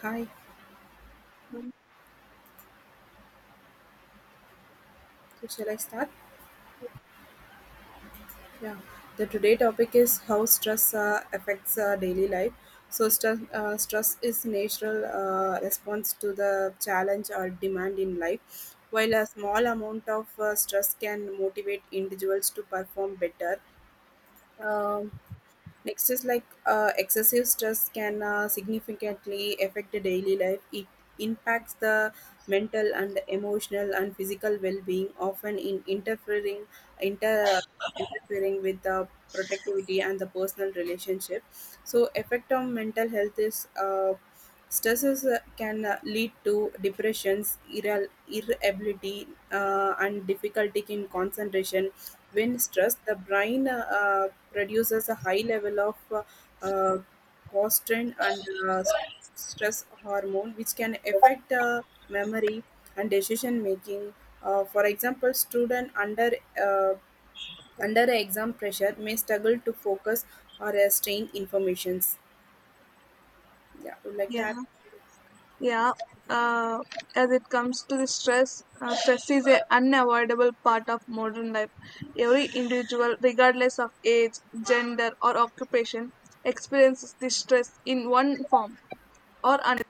Hi. So shall I start? Yeah. The today topic is how stress affects daily life. So stress is natural response to the challenge or demand in life. While a small amount of stress can motivate individuals to perform better, um, Next is like excessive stress can significantly affect the daily life. It impacts the mental and emotional and physical well-being, often in interfering inter interfering with the productivity and the personal relationship. So, effect on mental health is stresses can lead to depressions, irritability, and difficulty in concentration when stressed, the brain produces a high level of uh, cortisol and stress hormone, which can affect memory and decision making. For example, student under uh, under exam pressure may struggle to focus or restrain informations. Yeah, would like to Yeah, add. yeah. Uh, as it comes to the stress, stress is an unavoidable part of modern life. Every individual, regardless of age, gender, or occupation, experiences this stress in one form or another.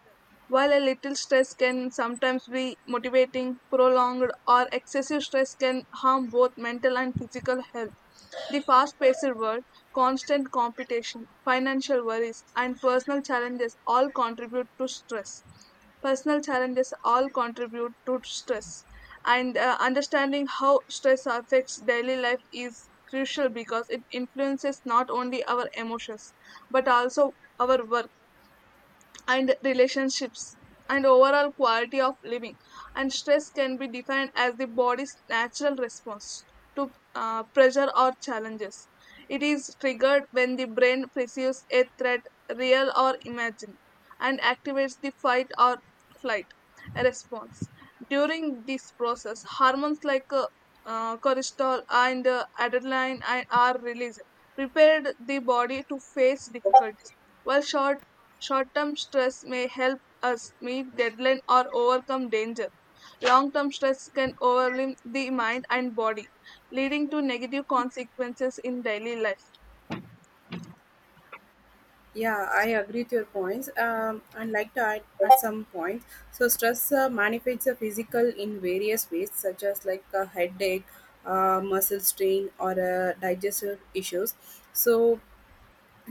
While a little stress can sometimes be motivating, prolonged or excessive stress can harm both mental and physical health. The fast paced world, constant competition, financial worries, and personal challenges all contribute to stress. Personal challenges all contribute to stress. And understanding how stress affects daily life is crucial because it influences not only our emotions, but also our work and relationships and overall quality of living. And stress can be defined as the body's natural response to pressure or challenges. It is triggered when the brain perceives a threat, real or imagined, and activates the fight or flight response. During this process, hormones like cortisol and adrenaline are released, prepared the body to face difficulties, while short short term stress may help us meet deadline or overcome danger. Long term stress can overwhelm the mind and body, leading to negative consequences in daily life. Yeah, I agree with your points. I'd like to add at some points. So, stress manifests a physical in various ways, such as like a headache, muscle strain, or digestive issues. So,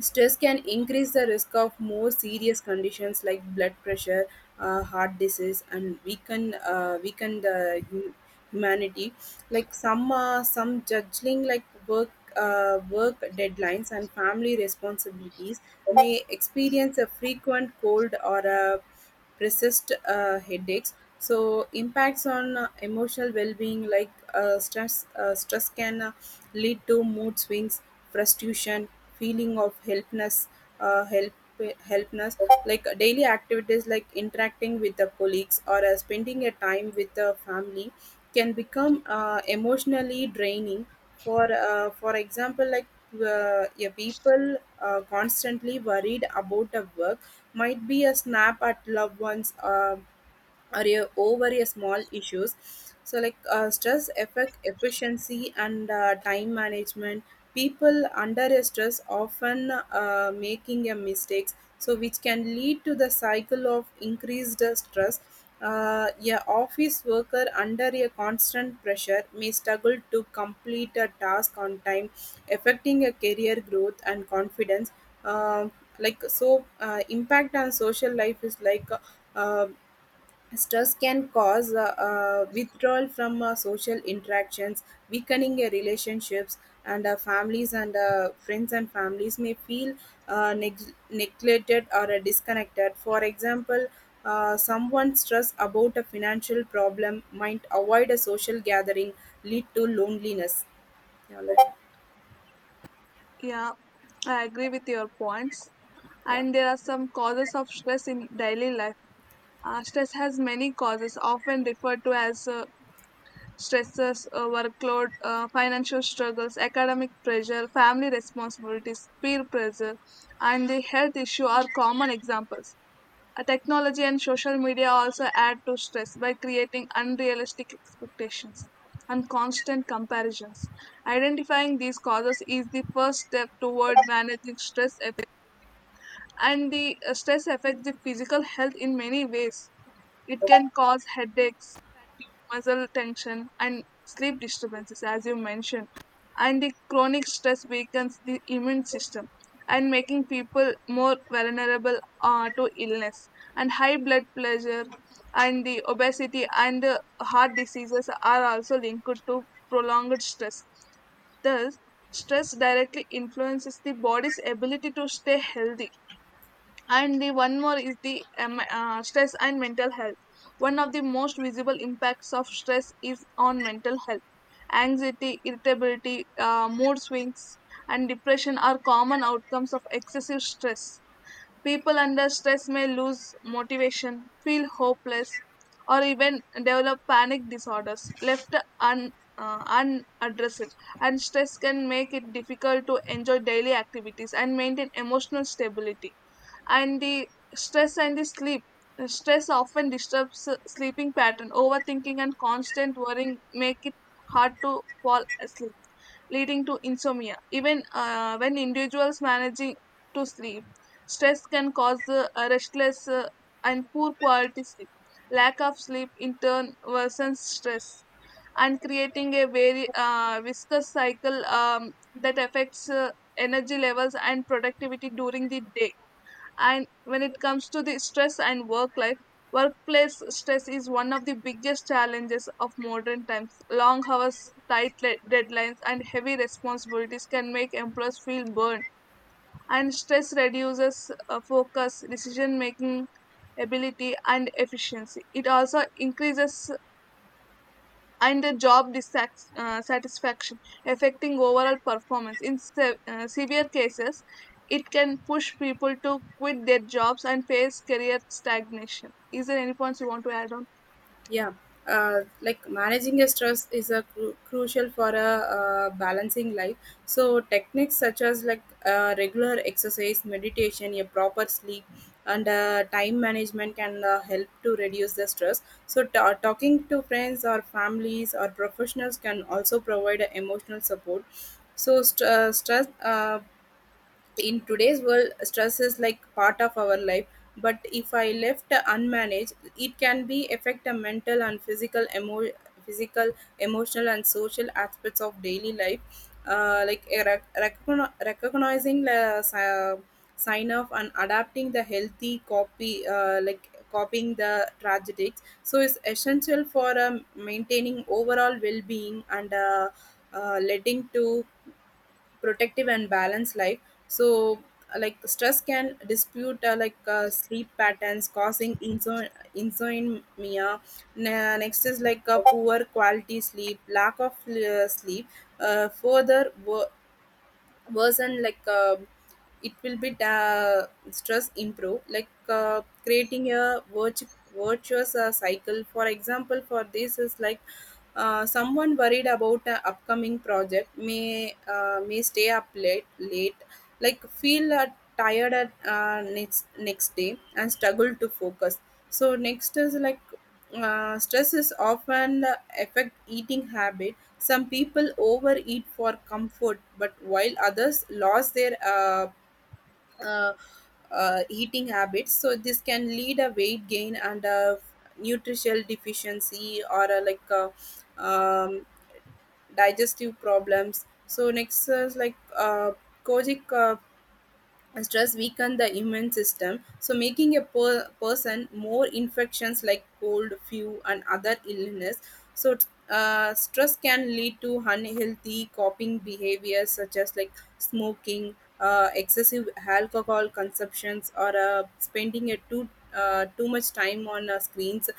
stress can increase the risk of more serious conditions like blood pressure, heart disease, and weaken the humanity. Like some judging like work deadlines and family responsibilities may experience a frequent cold or a persist headaches. So impacts on emotional well-being like stress can lead to mood swings, frustration, feeling of helplessness, uh, help, helplessness. Like daily activities like interacting with the colleagues or spending a time with the family can become emotionally draining. For example, like yeah, people constantly worried about the work might be a snap at loved ones. Or a, over a small issues so like stress affect efficiency and time management. People under a stress often making a mistakes so which can lead to the cycle of increased stress. A office worker under a constant pressure may struggle to complete a task on time, affecting a career growth and confidence. Um like so impact on social life is uh, stress can cause withdrawal from social interactions, weakening your relationships, and families and friends and families may feel neglected or disconnected. For example, someone stressed about a financial problem might avoid a social gathering, lead to loneliness. Yeah, like- Yeah, I agree with your points. yeah. And there are some causes of stress in daily life. Stress has many causes, often referred to as stressors, workload, financial struggles, academic pressure, family responsibilities, peer pressure, and the health issue are common examples. Technology and social media also add to stress by creating unrealistic expectations and constant comparisons. Identifying these causes is the first step toward managing stress effect. And the stress affects the physical health in many ways. It can cause headaches, fatigue, muscle tension, and sleep disturbances, as you mentioned. And the chronic stress weakens the immune system and making people more vulnerable to illness. And high blood pressure and the obesity and the heart diseases are also linked to prolonged stress. Thus, stress directly influences the body's ability to stay healthy. And the one more is the stress and mental health. One of the most visible impacts of stress is on mental health. Anxiety, irritability, mood swings, and depression are common outcomes of excessive stress. People under stress may lose motivation, feel hopeless, or even develop panic disorders left un, unaddressed, and stress can make it difficult to enjoy daily activities and maintain emotional stability. And the stress and the sleep. Stress often disturbs sleeping pattern. Overthinking and constant worrying make it hard to fall asleep, leading to insomnia. Even when individuals managing to sleep, stress can cause a restless and poor quality sleep. Lack of sleep in turn worsens stress and creating a very viscous cycle that affects energy levels and productivity during the day. And when it comes to the stress and work life, workplace stress is one of the biggest challenges of modern times. Long hours, tight deadlines, and heavy responsibilities can make employees feel burned, and stress reduces focus, decision making ability, and efficiency. It also increases and the job satisfaction, affecting overall performance. In severe cases, it can push people to quit their jobs and face career stagnation. Is there any points you want to add on? Yeah, like managing a stress is a crucial for a balancing life. So techniques such as like regular exercise, meditation, a proper sleep, and time management can help to reduce the stress. So ta talking to friends or families or professionals can also provide a emotional support. So stress in today's world, stress is like part of our life, but if I left unmanaged, it can be affect the mental and physical physical emotional and social aspects of daily life. Uh, like a recognizing the sign of and adapting the healthy copy, like copying the tragedies, so is essential for maintaining overall well-being and letting to protective and balanced life. So like stress can dispute like sleep patterns causing insomnia. Ne- next is like a poor quality sleep lack of sleep uh, further wo- worsen like it will be da- stress improve like creating a virtuous cycle. For example, for this is like someone worried about an upcoming project may stay up late like feel tired at next day and struggle to focus. So next is like stress is often affect eating habit. Some people overeat for comfort, but while others lost their uh, eating habits, so this can lead a weight gain and a nutritional deficiency or a, like a, um, digestive problems. So next is like kojic and stress weaken the immune system so making a per- person more infections like cold flu and other illness. So stress can lead to unhealthy coping behaviors such as like smoking, excessive alcohol consumptions, or spending a too much time on screens.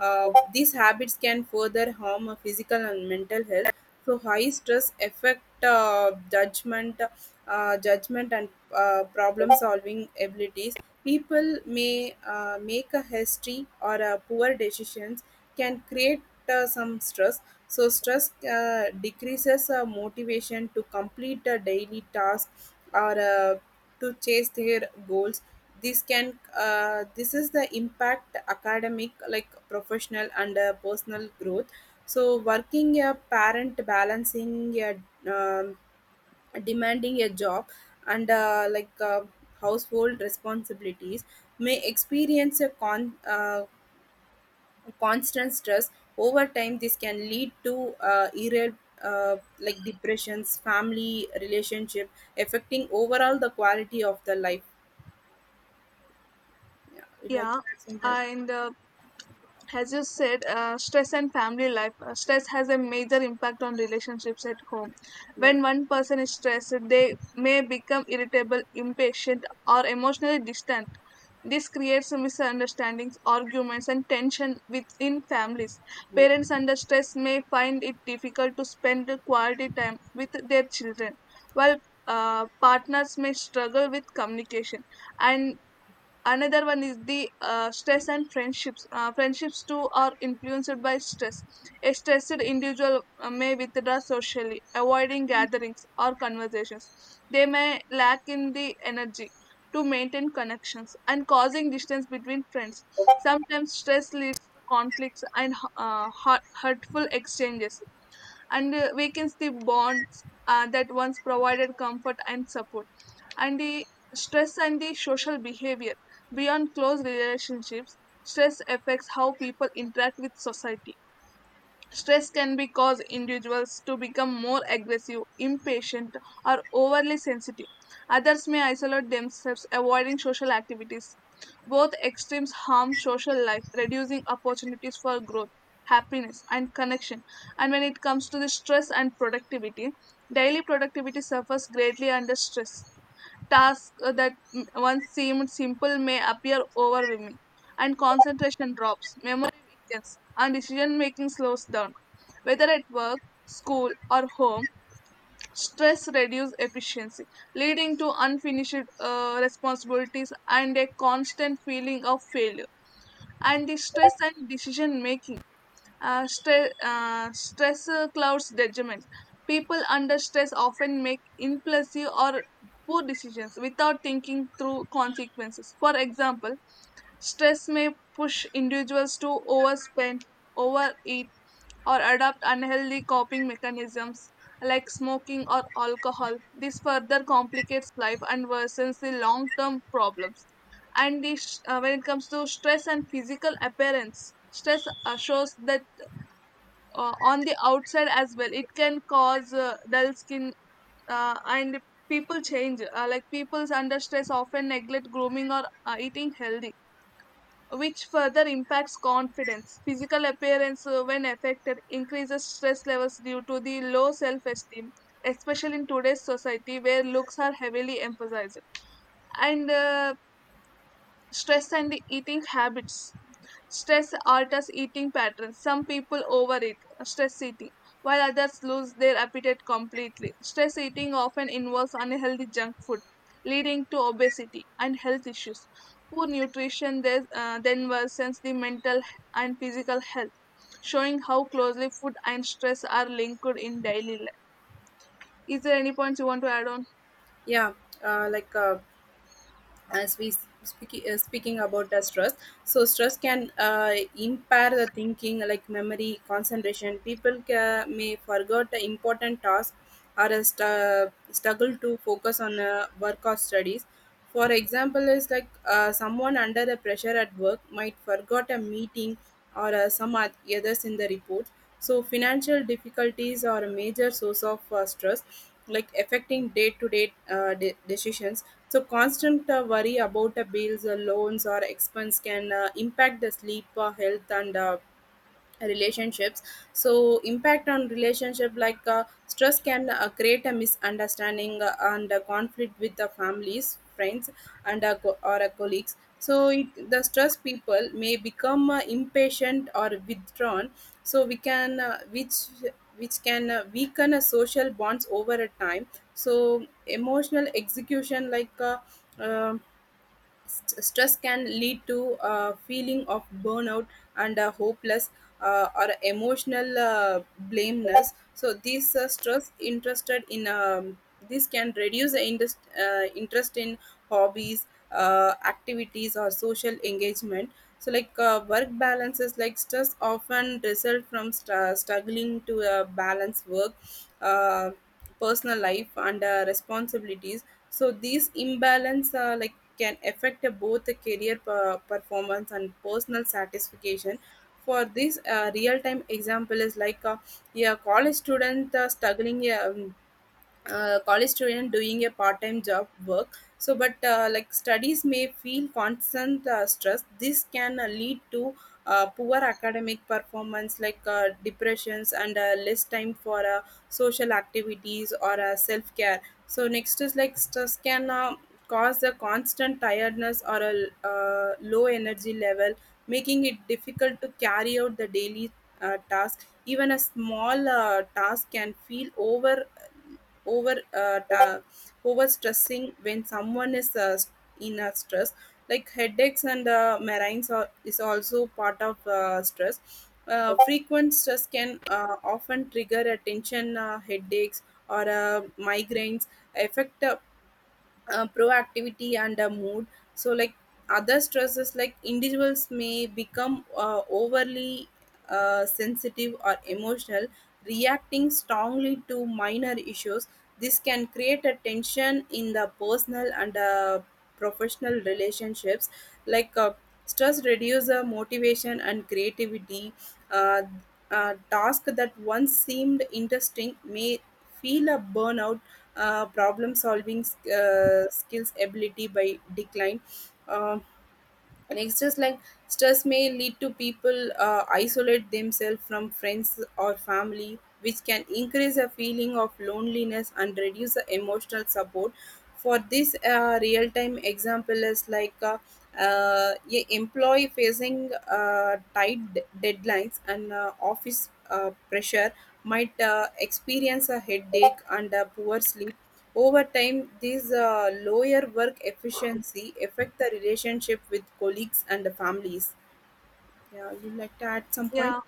Uh, these habits can further harm physical and mental health. So high stress affect judgment and problem solving abilities. People may make a hasty or poor decisions, can create some stress. So stress decreases motivation to complete a daily task or to chase their goals. This is the impact academic like professional and personal growth. So working a parent balancing a um, demanding a job and like household responsibilities may experience a constant stress. Over time, this can lead to like depressions family relationship, affecting overall the quality of the life. Yeah, you like Yeah, that some. and as you said, stress and family life. Stress has a major impact on relationships at home. Yeah. When one person is stressed, they may become irritable, impatient, or emotionally distant. This creates misunderstandings, arguments, and tension within families. Parents under stress may find it difficult to spend quality time with their children, while partners may struggle with communication. And another one is the stress and friendships. Friendships too are influenced by stress. A stressed individual may withdraw socially, avoiding gatherings or conversations. They may lack in the energy to maintain connections and causing distance between friends. Sometimes stress leads to conflicts and hurtful exchanges and weakens the bonds that once provided comfort and support. And the stress and the social behavior. Beyond close relationships, stress affects how people interact with society. Stress can be cause individuals to become more aggressive, impatient, or overly sensitive. Others may isolate themselves, avoiding social activities. Both extremes harm social life, reducing opportunities for growth, happiness, and connection. And when it comes to the stress and productivity, daily productivity suffers greatly under stress. Tasks that once seemed simple may appear overwhelming, and concentration drops, memory weakens, and decision making slows down. Whether at work, school, or home, stress reduces efficiency, leading to unfinished responsibilities and a constant feeling of failure. And the stress and decision making. Stress clouds judgment. People under stress often make impulsive or poor decisions without thinking through consequences. For example, stress may push individuals to overspend, overeat, or adopt unhealthy coping mechanisms like smoking or alcohol. This further complicates life and worsens the long term problems. And when it comes to stress and physical appearance, stress assures that on the outside as well. It can cause dull skin and people change, like people's under stress often neglect grooming or eating healthy, which further impacts confidence. Physical appearance when affected increases stress levels due to the low self esteem, especially in today's society where looks are heavily emphasized. And stress and the eating habits. Stress alters eating patterns. Some people overeat, stress eating, while others lose their appetite completely. Stress eating often involves unhealthy junk food, leading to obesity and health issues. Poor nutrition then worsens the mental and physical health, showing how closely food and stress are linked in daily life. Is there any points you want to add on? Yeah, like as we speaking about the stress. So stress can impair the thinking like memory concentration. People may forget the important task or a struggle to focus on work or studies. For example is like someone under the pressure at work might forgot a meeting or others in the report. So, financial difficulties are a major source of stress, like affecting day to day decisions. So, constant worry about bills, loans, or expense can impact the sleep, health, and relationships. So impact on relationship like stress can create a misunderstanding and a conflict with the families friends and co- or colleagues. So it, the stressed people may become impatient or withdrawn, so we can which can weaken a social bonds over a time. So emotional execution like um St- stress can lead to a feeling of burnout and hopeless or emotional blameness. So this can reduce the interest in hobbies activities or social engagement. So like work balances like stress often result from struggling to balance work uh, personal life and responsibilities. So these imbalance like can affect both the career performance and personal satisfaction. For this real time example is like a college student doing a part-time job work, so but like studies may feel constant stress. This can lead to poor academic performance like depressions and less time for social activities or self-care. So next is like stress can cause a constant tiredness or a low energy level, making it difficult to carry out the daily task. Even a small task can feel over uh, ta- overstressing when someone is in a stress. Like headaches and migraines are, is also part of stress. Uh, frequent stress can often trigger attention headaches or migraines, affect proactivity and a mood. So like other stresses like individuals may become overly sensitive or emotional, reacting strongly to minor issues. This can create a tension in the personal and professional relationships. Like stress reduces motivation and creativity. uh, a task that once seemed interesting may feel a burnout. Problem solving skills ability by decline. Um Next is like stress may lead to people isolate themselves from friends or family, which can increase a feeling of loneliness and reduce the emotional support. For this real time example is like a employee facing tight deadlines and office pressure might experience a headache and a poor sleep. Over time, these lower work efficiency affect the relationship with colleagues and the families. Yeah, you'd like to add some point? Yeah.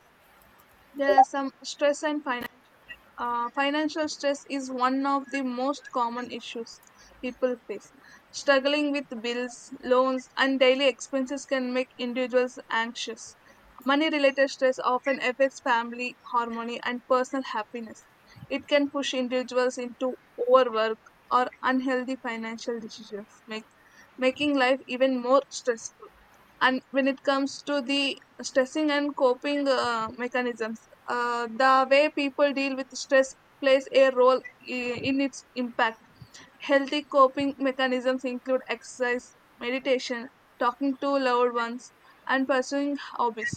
There are some stress and financial life. Financial stress is one of the most common issues people face. Struggling with bills, loans, and daily expenses can make individuals anxious. Money related stress often affects family harmony and personal happiness. It can push individuals into overwork or unhealthy financial decisions, making life even more stressful. And when it comes to the stressing and coping mechanisms, the way people deal with stress plays a role in its impact. Healthy coping mechanisms include exercise, meditation, talking to loved ones, and pursuing hobbies.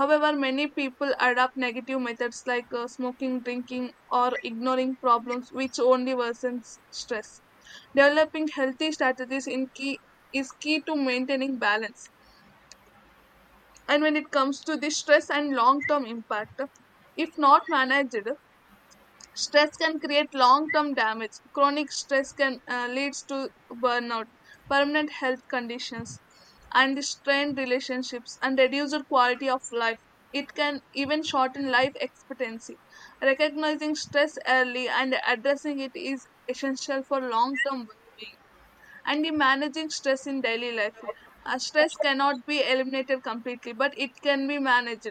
However, many people adopt negative methods like smoking, drinking, or ignoring problems, which only worsens stress. Developing healthy strategies in key is key to maintaining balance. And when it comes to the stress and long term impact, if not managed, stress can create long term damage. Chronic stress can leads to burnout, permanent health conditions, and the strained relationships and reduced quality of life. It can even shorten life expectancy. Recognizing stress early and addressing it is essential for long term well being. And the managing stress in daily life. Stress cannot be eliminated completely, but it can be managed.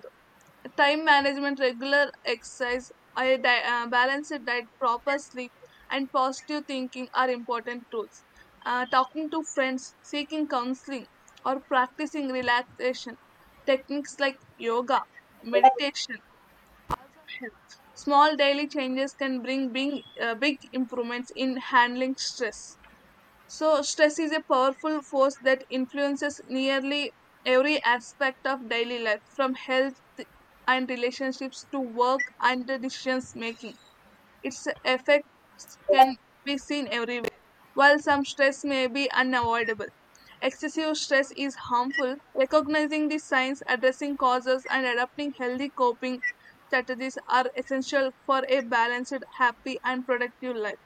Time management, regular exercise, a balanced diet, proper sleep, and positive thinking are important tools. Talking to friends, seeking counseling, or practicing relaxation techniques like yoga, meditation also help. Small daily changes can bring big improvements in handling stress. So, stress is a powerful force that influences nearly every aspect of daily life, from health and relationships to work and decision making. Its effects can be seen everywhere. While some stress may be unavoidable, excessive stress is harmful. Recognizing the signs, addressing causes, and adopting healthy coping strategies are essential for a balanced, happy, and productive life.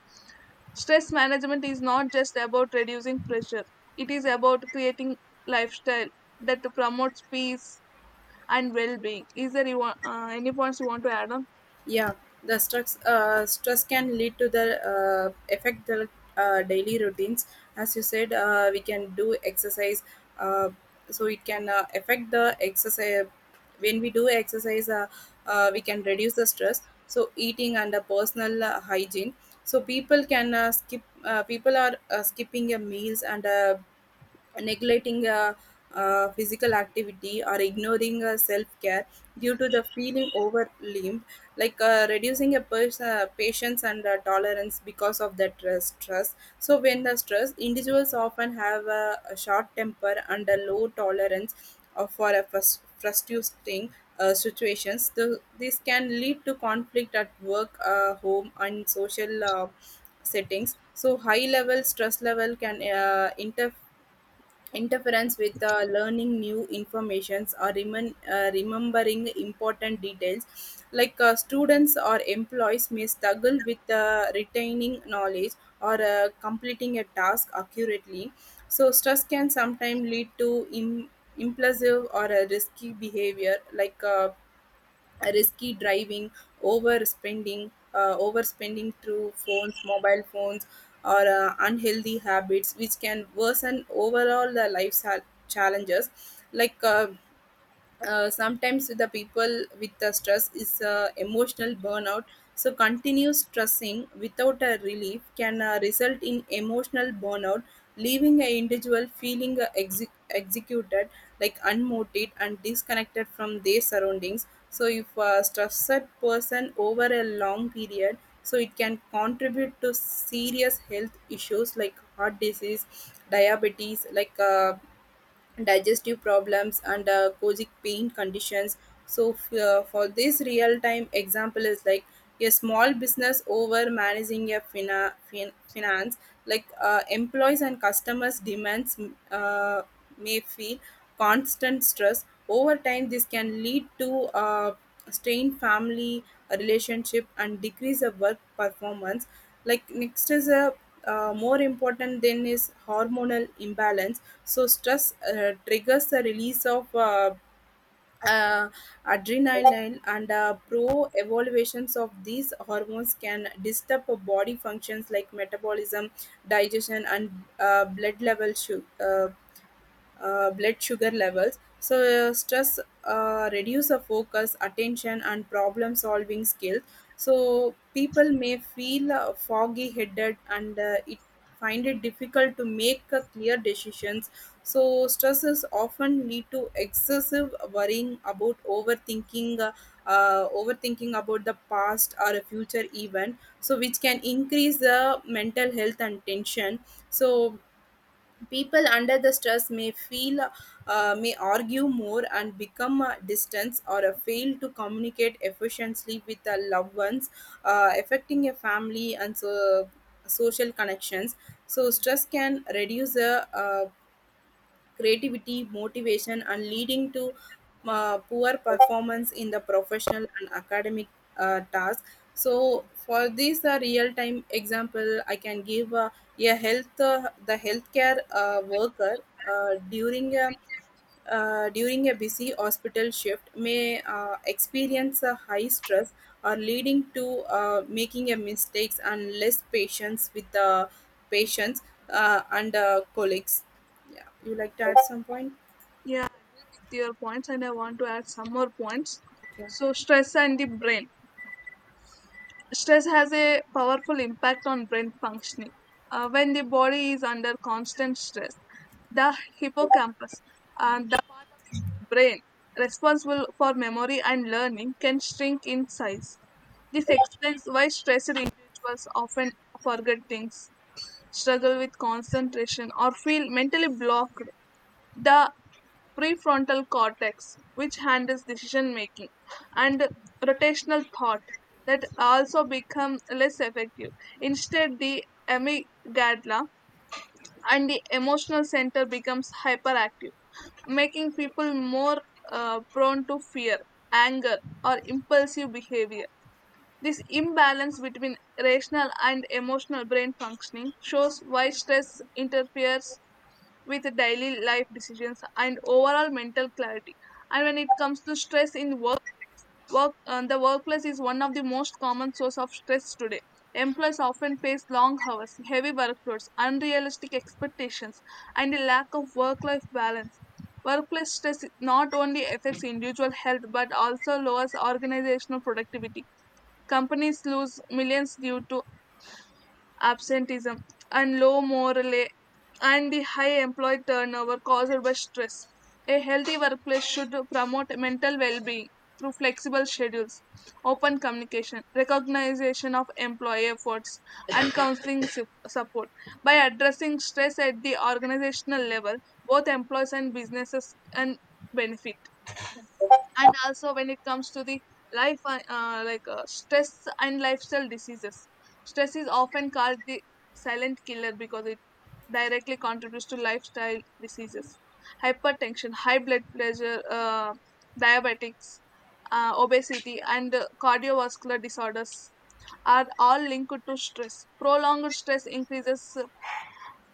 Stress management is not just about reducing pressure, it is about creating lifestyle that promotes peace and well being. Is there any points you want to add on? Yeah, the stress can lead to the affect the daily routines. As you said, we can do exercise, uh, so it can affect the exercise. When we do exercise, we can reduce the stress. So eating and the personal hygiene. So people can skip. People are skipping your meals and neglecting physical activity or ignoring self-care due to the feeling overwhelmed like reducing a patience and tolerance because of that stress. So when the stress, individuals often have a short temper and a low tolerance for a frustrating situations. This can lead to conflict at work, home and social settings. So high level stress level can interfere interference with learning new informations or remembering important details, like students or employees may struggle with retaining knowledge or completing a task accurately. So stress can sometimes lead to impulsive or a risky behavior like risky driving, overspending through phones, mobile phones, or unhealthy habits, which can worsen overall the lifestyle challenges like. Sometimes the people with the stress is emotional burnout. So continuous stressing without a relief can result in emotional burnout, leaving an individual feeling executed, like unmotivated and disconnected from their surroundings. So if a stressed person over a long period, so it can contribute to serious health issues like heart disease, diabetes, like digestive problems and chronic pain conditions. So for this real time example is like a small business over managing a finance, like employees and customers demands, uh, may feel constant stress over time. This can lead to strained family relationship and decrease of work performance. Like next is a more important than is hormonal imbalance. So stress triggers the release of uh, adrenaline and pro evaluations of these hormones can disturb a body functions like metabolism, digestion and blood blood sugar levels. So stress reduce the focus, attention, and problem solving skills. So people may feel foggy headed and it find it difficult to make clear decisions. So stresses often lead to excessive worrying about overthinking, overthinking about the past or a future event. So which can increase the mental health and tension. So people under the stress may feel, may argue more and become distant or fail to communicate efficiently with their loved ones, affecting a family and so social connections. So stress can reduce the creativity, motivation, and leading to poor performance in the professional and academic task. So, for this real-time example, I can give a health the healthcare worker during a during a busy hospital shift may experience a high stress or leading to making a mistakes and less patience with the patients and colleagues. Yeah, you like to add some point? Yeah, I agree with your points and I want to add some more points. Yeah. So, stress and the brain. Stress has a powerful impact on brain functioning. When the body is under constant stress, the hippocampus, the part of the brain responsible for memory and learning, can shrink in size. This explains why stressed individuals often forget things, struggle with concentration, or feel mentally blocked. The prefrontal cortex, which handles decision making, and rotational thought that also become less effective. Instead, the amygdala and the emotional center becomes hyperactive, making people more prone to fear, anger, or impulsive behavior. This imbalance between rational and emotional brain functioning shows why stress interferes with daily life decisions and overall mental clarity. And when it comes to stress in work, work the workplace is one of the most common source of stress today. Employees often face long hours, heavy workloads, unrealistic expectations, and a lack of work-life balance. Workplace stress not only affects individual health but also lowers organizational productivity. Companies lose millions due to absenteeism, and low morale and the high employee turnover caused by stress. A healthy workplace should promote mental well-being through flexible schedules, open communication, recognition of employee efforts, and counseling support. By addressing stress at the organizational level, both employees and businesses can benefit. And also when it comes to the life like stress and lifestyle diseases, stress is often called the silent killer because it directly contributes to lifestyle diseases. Hypertension, high blood pressure, diabetics, obesity, and cardiovascular disorders are all linked to stress. Prolonged stress increases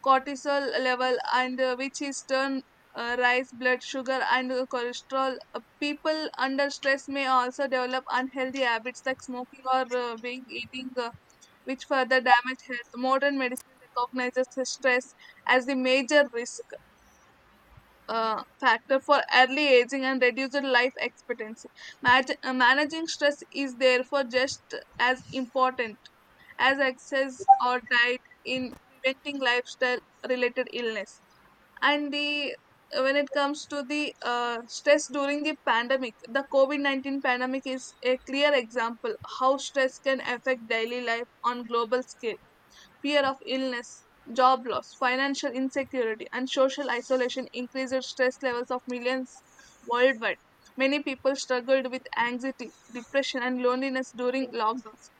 cortisol level and which is turn rise blood sugar and cholesterol. People under stress may also develop unhealthy habits like smoking or being eating, which further damage health. Modern medicine recognizes stress as the major risk uh, factor for early aging and reduced life expectancy. Managing stress is therefore just as important as excess or diet in preventing lifestyle related illness. And the when it comes to the stress during the pandemic, the COVID-19 pandemic is a clear example how stress can affect daily life on global scale. Fear of illness, job loss, financial insecurity, and social isolation increased stress levels of millions worldwide. Many people struggled with anxiety, depression, and loneliness during lockdowns.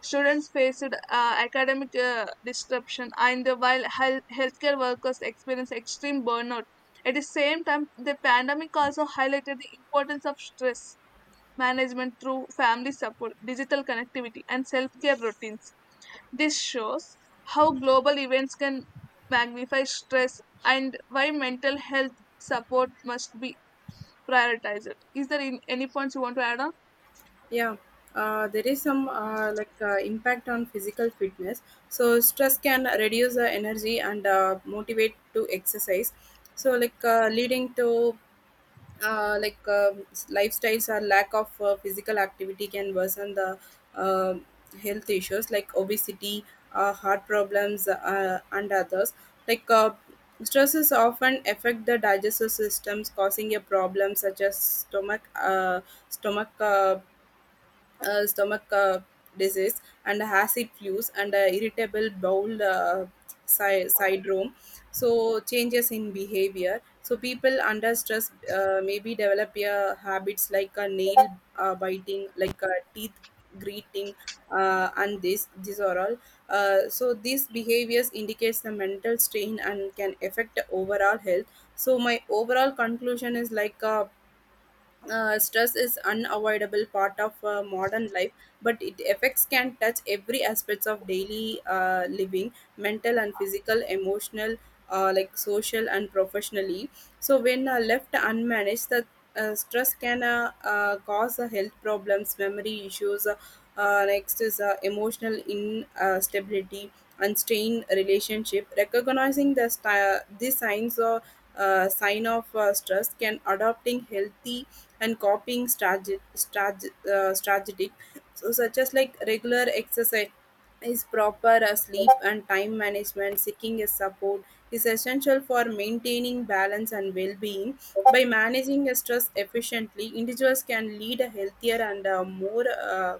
Students faced academic disruption, and while healthcare workers experienced extreme burnout. At the same time, the pandemic also highlighted the importance of stress management through family support, digital connectivity, and self care routines. This shows how global events can magnify stress and why mental health support must be prioritized. Is there any points you want to add on? Yeah, there is some like impact on physical fitness. So stress can reduce the energy and motivate to exercise, so like leading to like lifestyles or lack of physical activity can worsen the uh, health issues like obesity, heart problems and others, like stresses often affect the digestive systems causing a problem such as stomach uh, stomach disease and acid flus and irritable bowel syndrome. So changes in behavior, so people under stress maybe develop habits like nail biting, like teeth greeting and this these are all so these behaviors indicates the mental strain and can affect the overall health. So my overall conclusion is like stress is unavoidable part of modern life, but its effects can touch every aspects of daily living, mental and physical, emotional, like social and professionally. So when left unmanaged, the stress can cause health problems, memory issues. Next is emotional instability and strain relationship. Recognizing the the signs or sign of stress can adopting healthy and copying strategic. So such as like regular exercise is proper sleep and time management, seeking a support is essential for maintaining balance and well-being. By managing a stress efficiently, individuals can lead a healthier and more uh,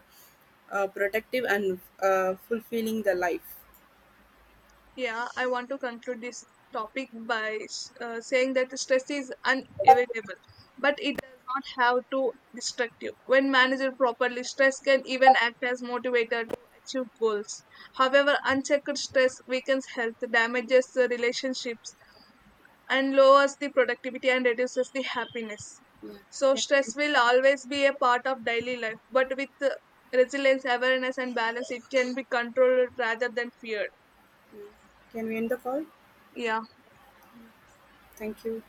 uh, protective and fulfilling the life. Yeah, I want to conclude this topic by saying that stress is unavoidable, but it does not have to distract you. When managed properly, stress can even act as motivator to achieve goals. However, unchecked stress weakens health, damages the relationships, and lowers the productivity and reduces the happiness. Yeah. So, stress can, will always be a part of daily life, but with resilience, awareness, and balance, it can be controlled rather than feared. can we end the call? Yeah. Thank you.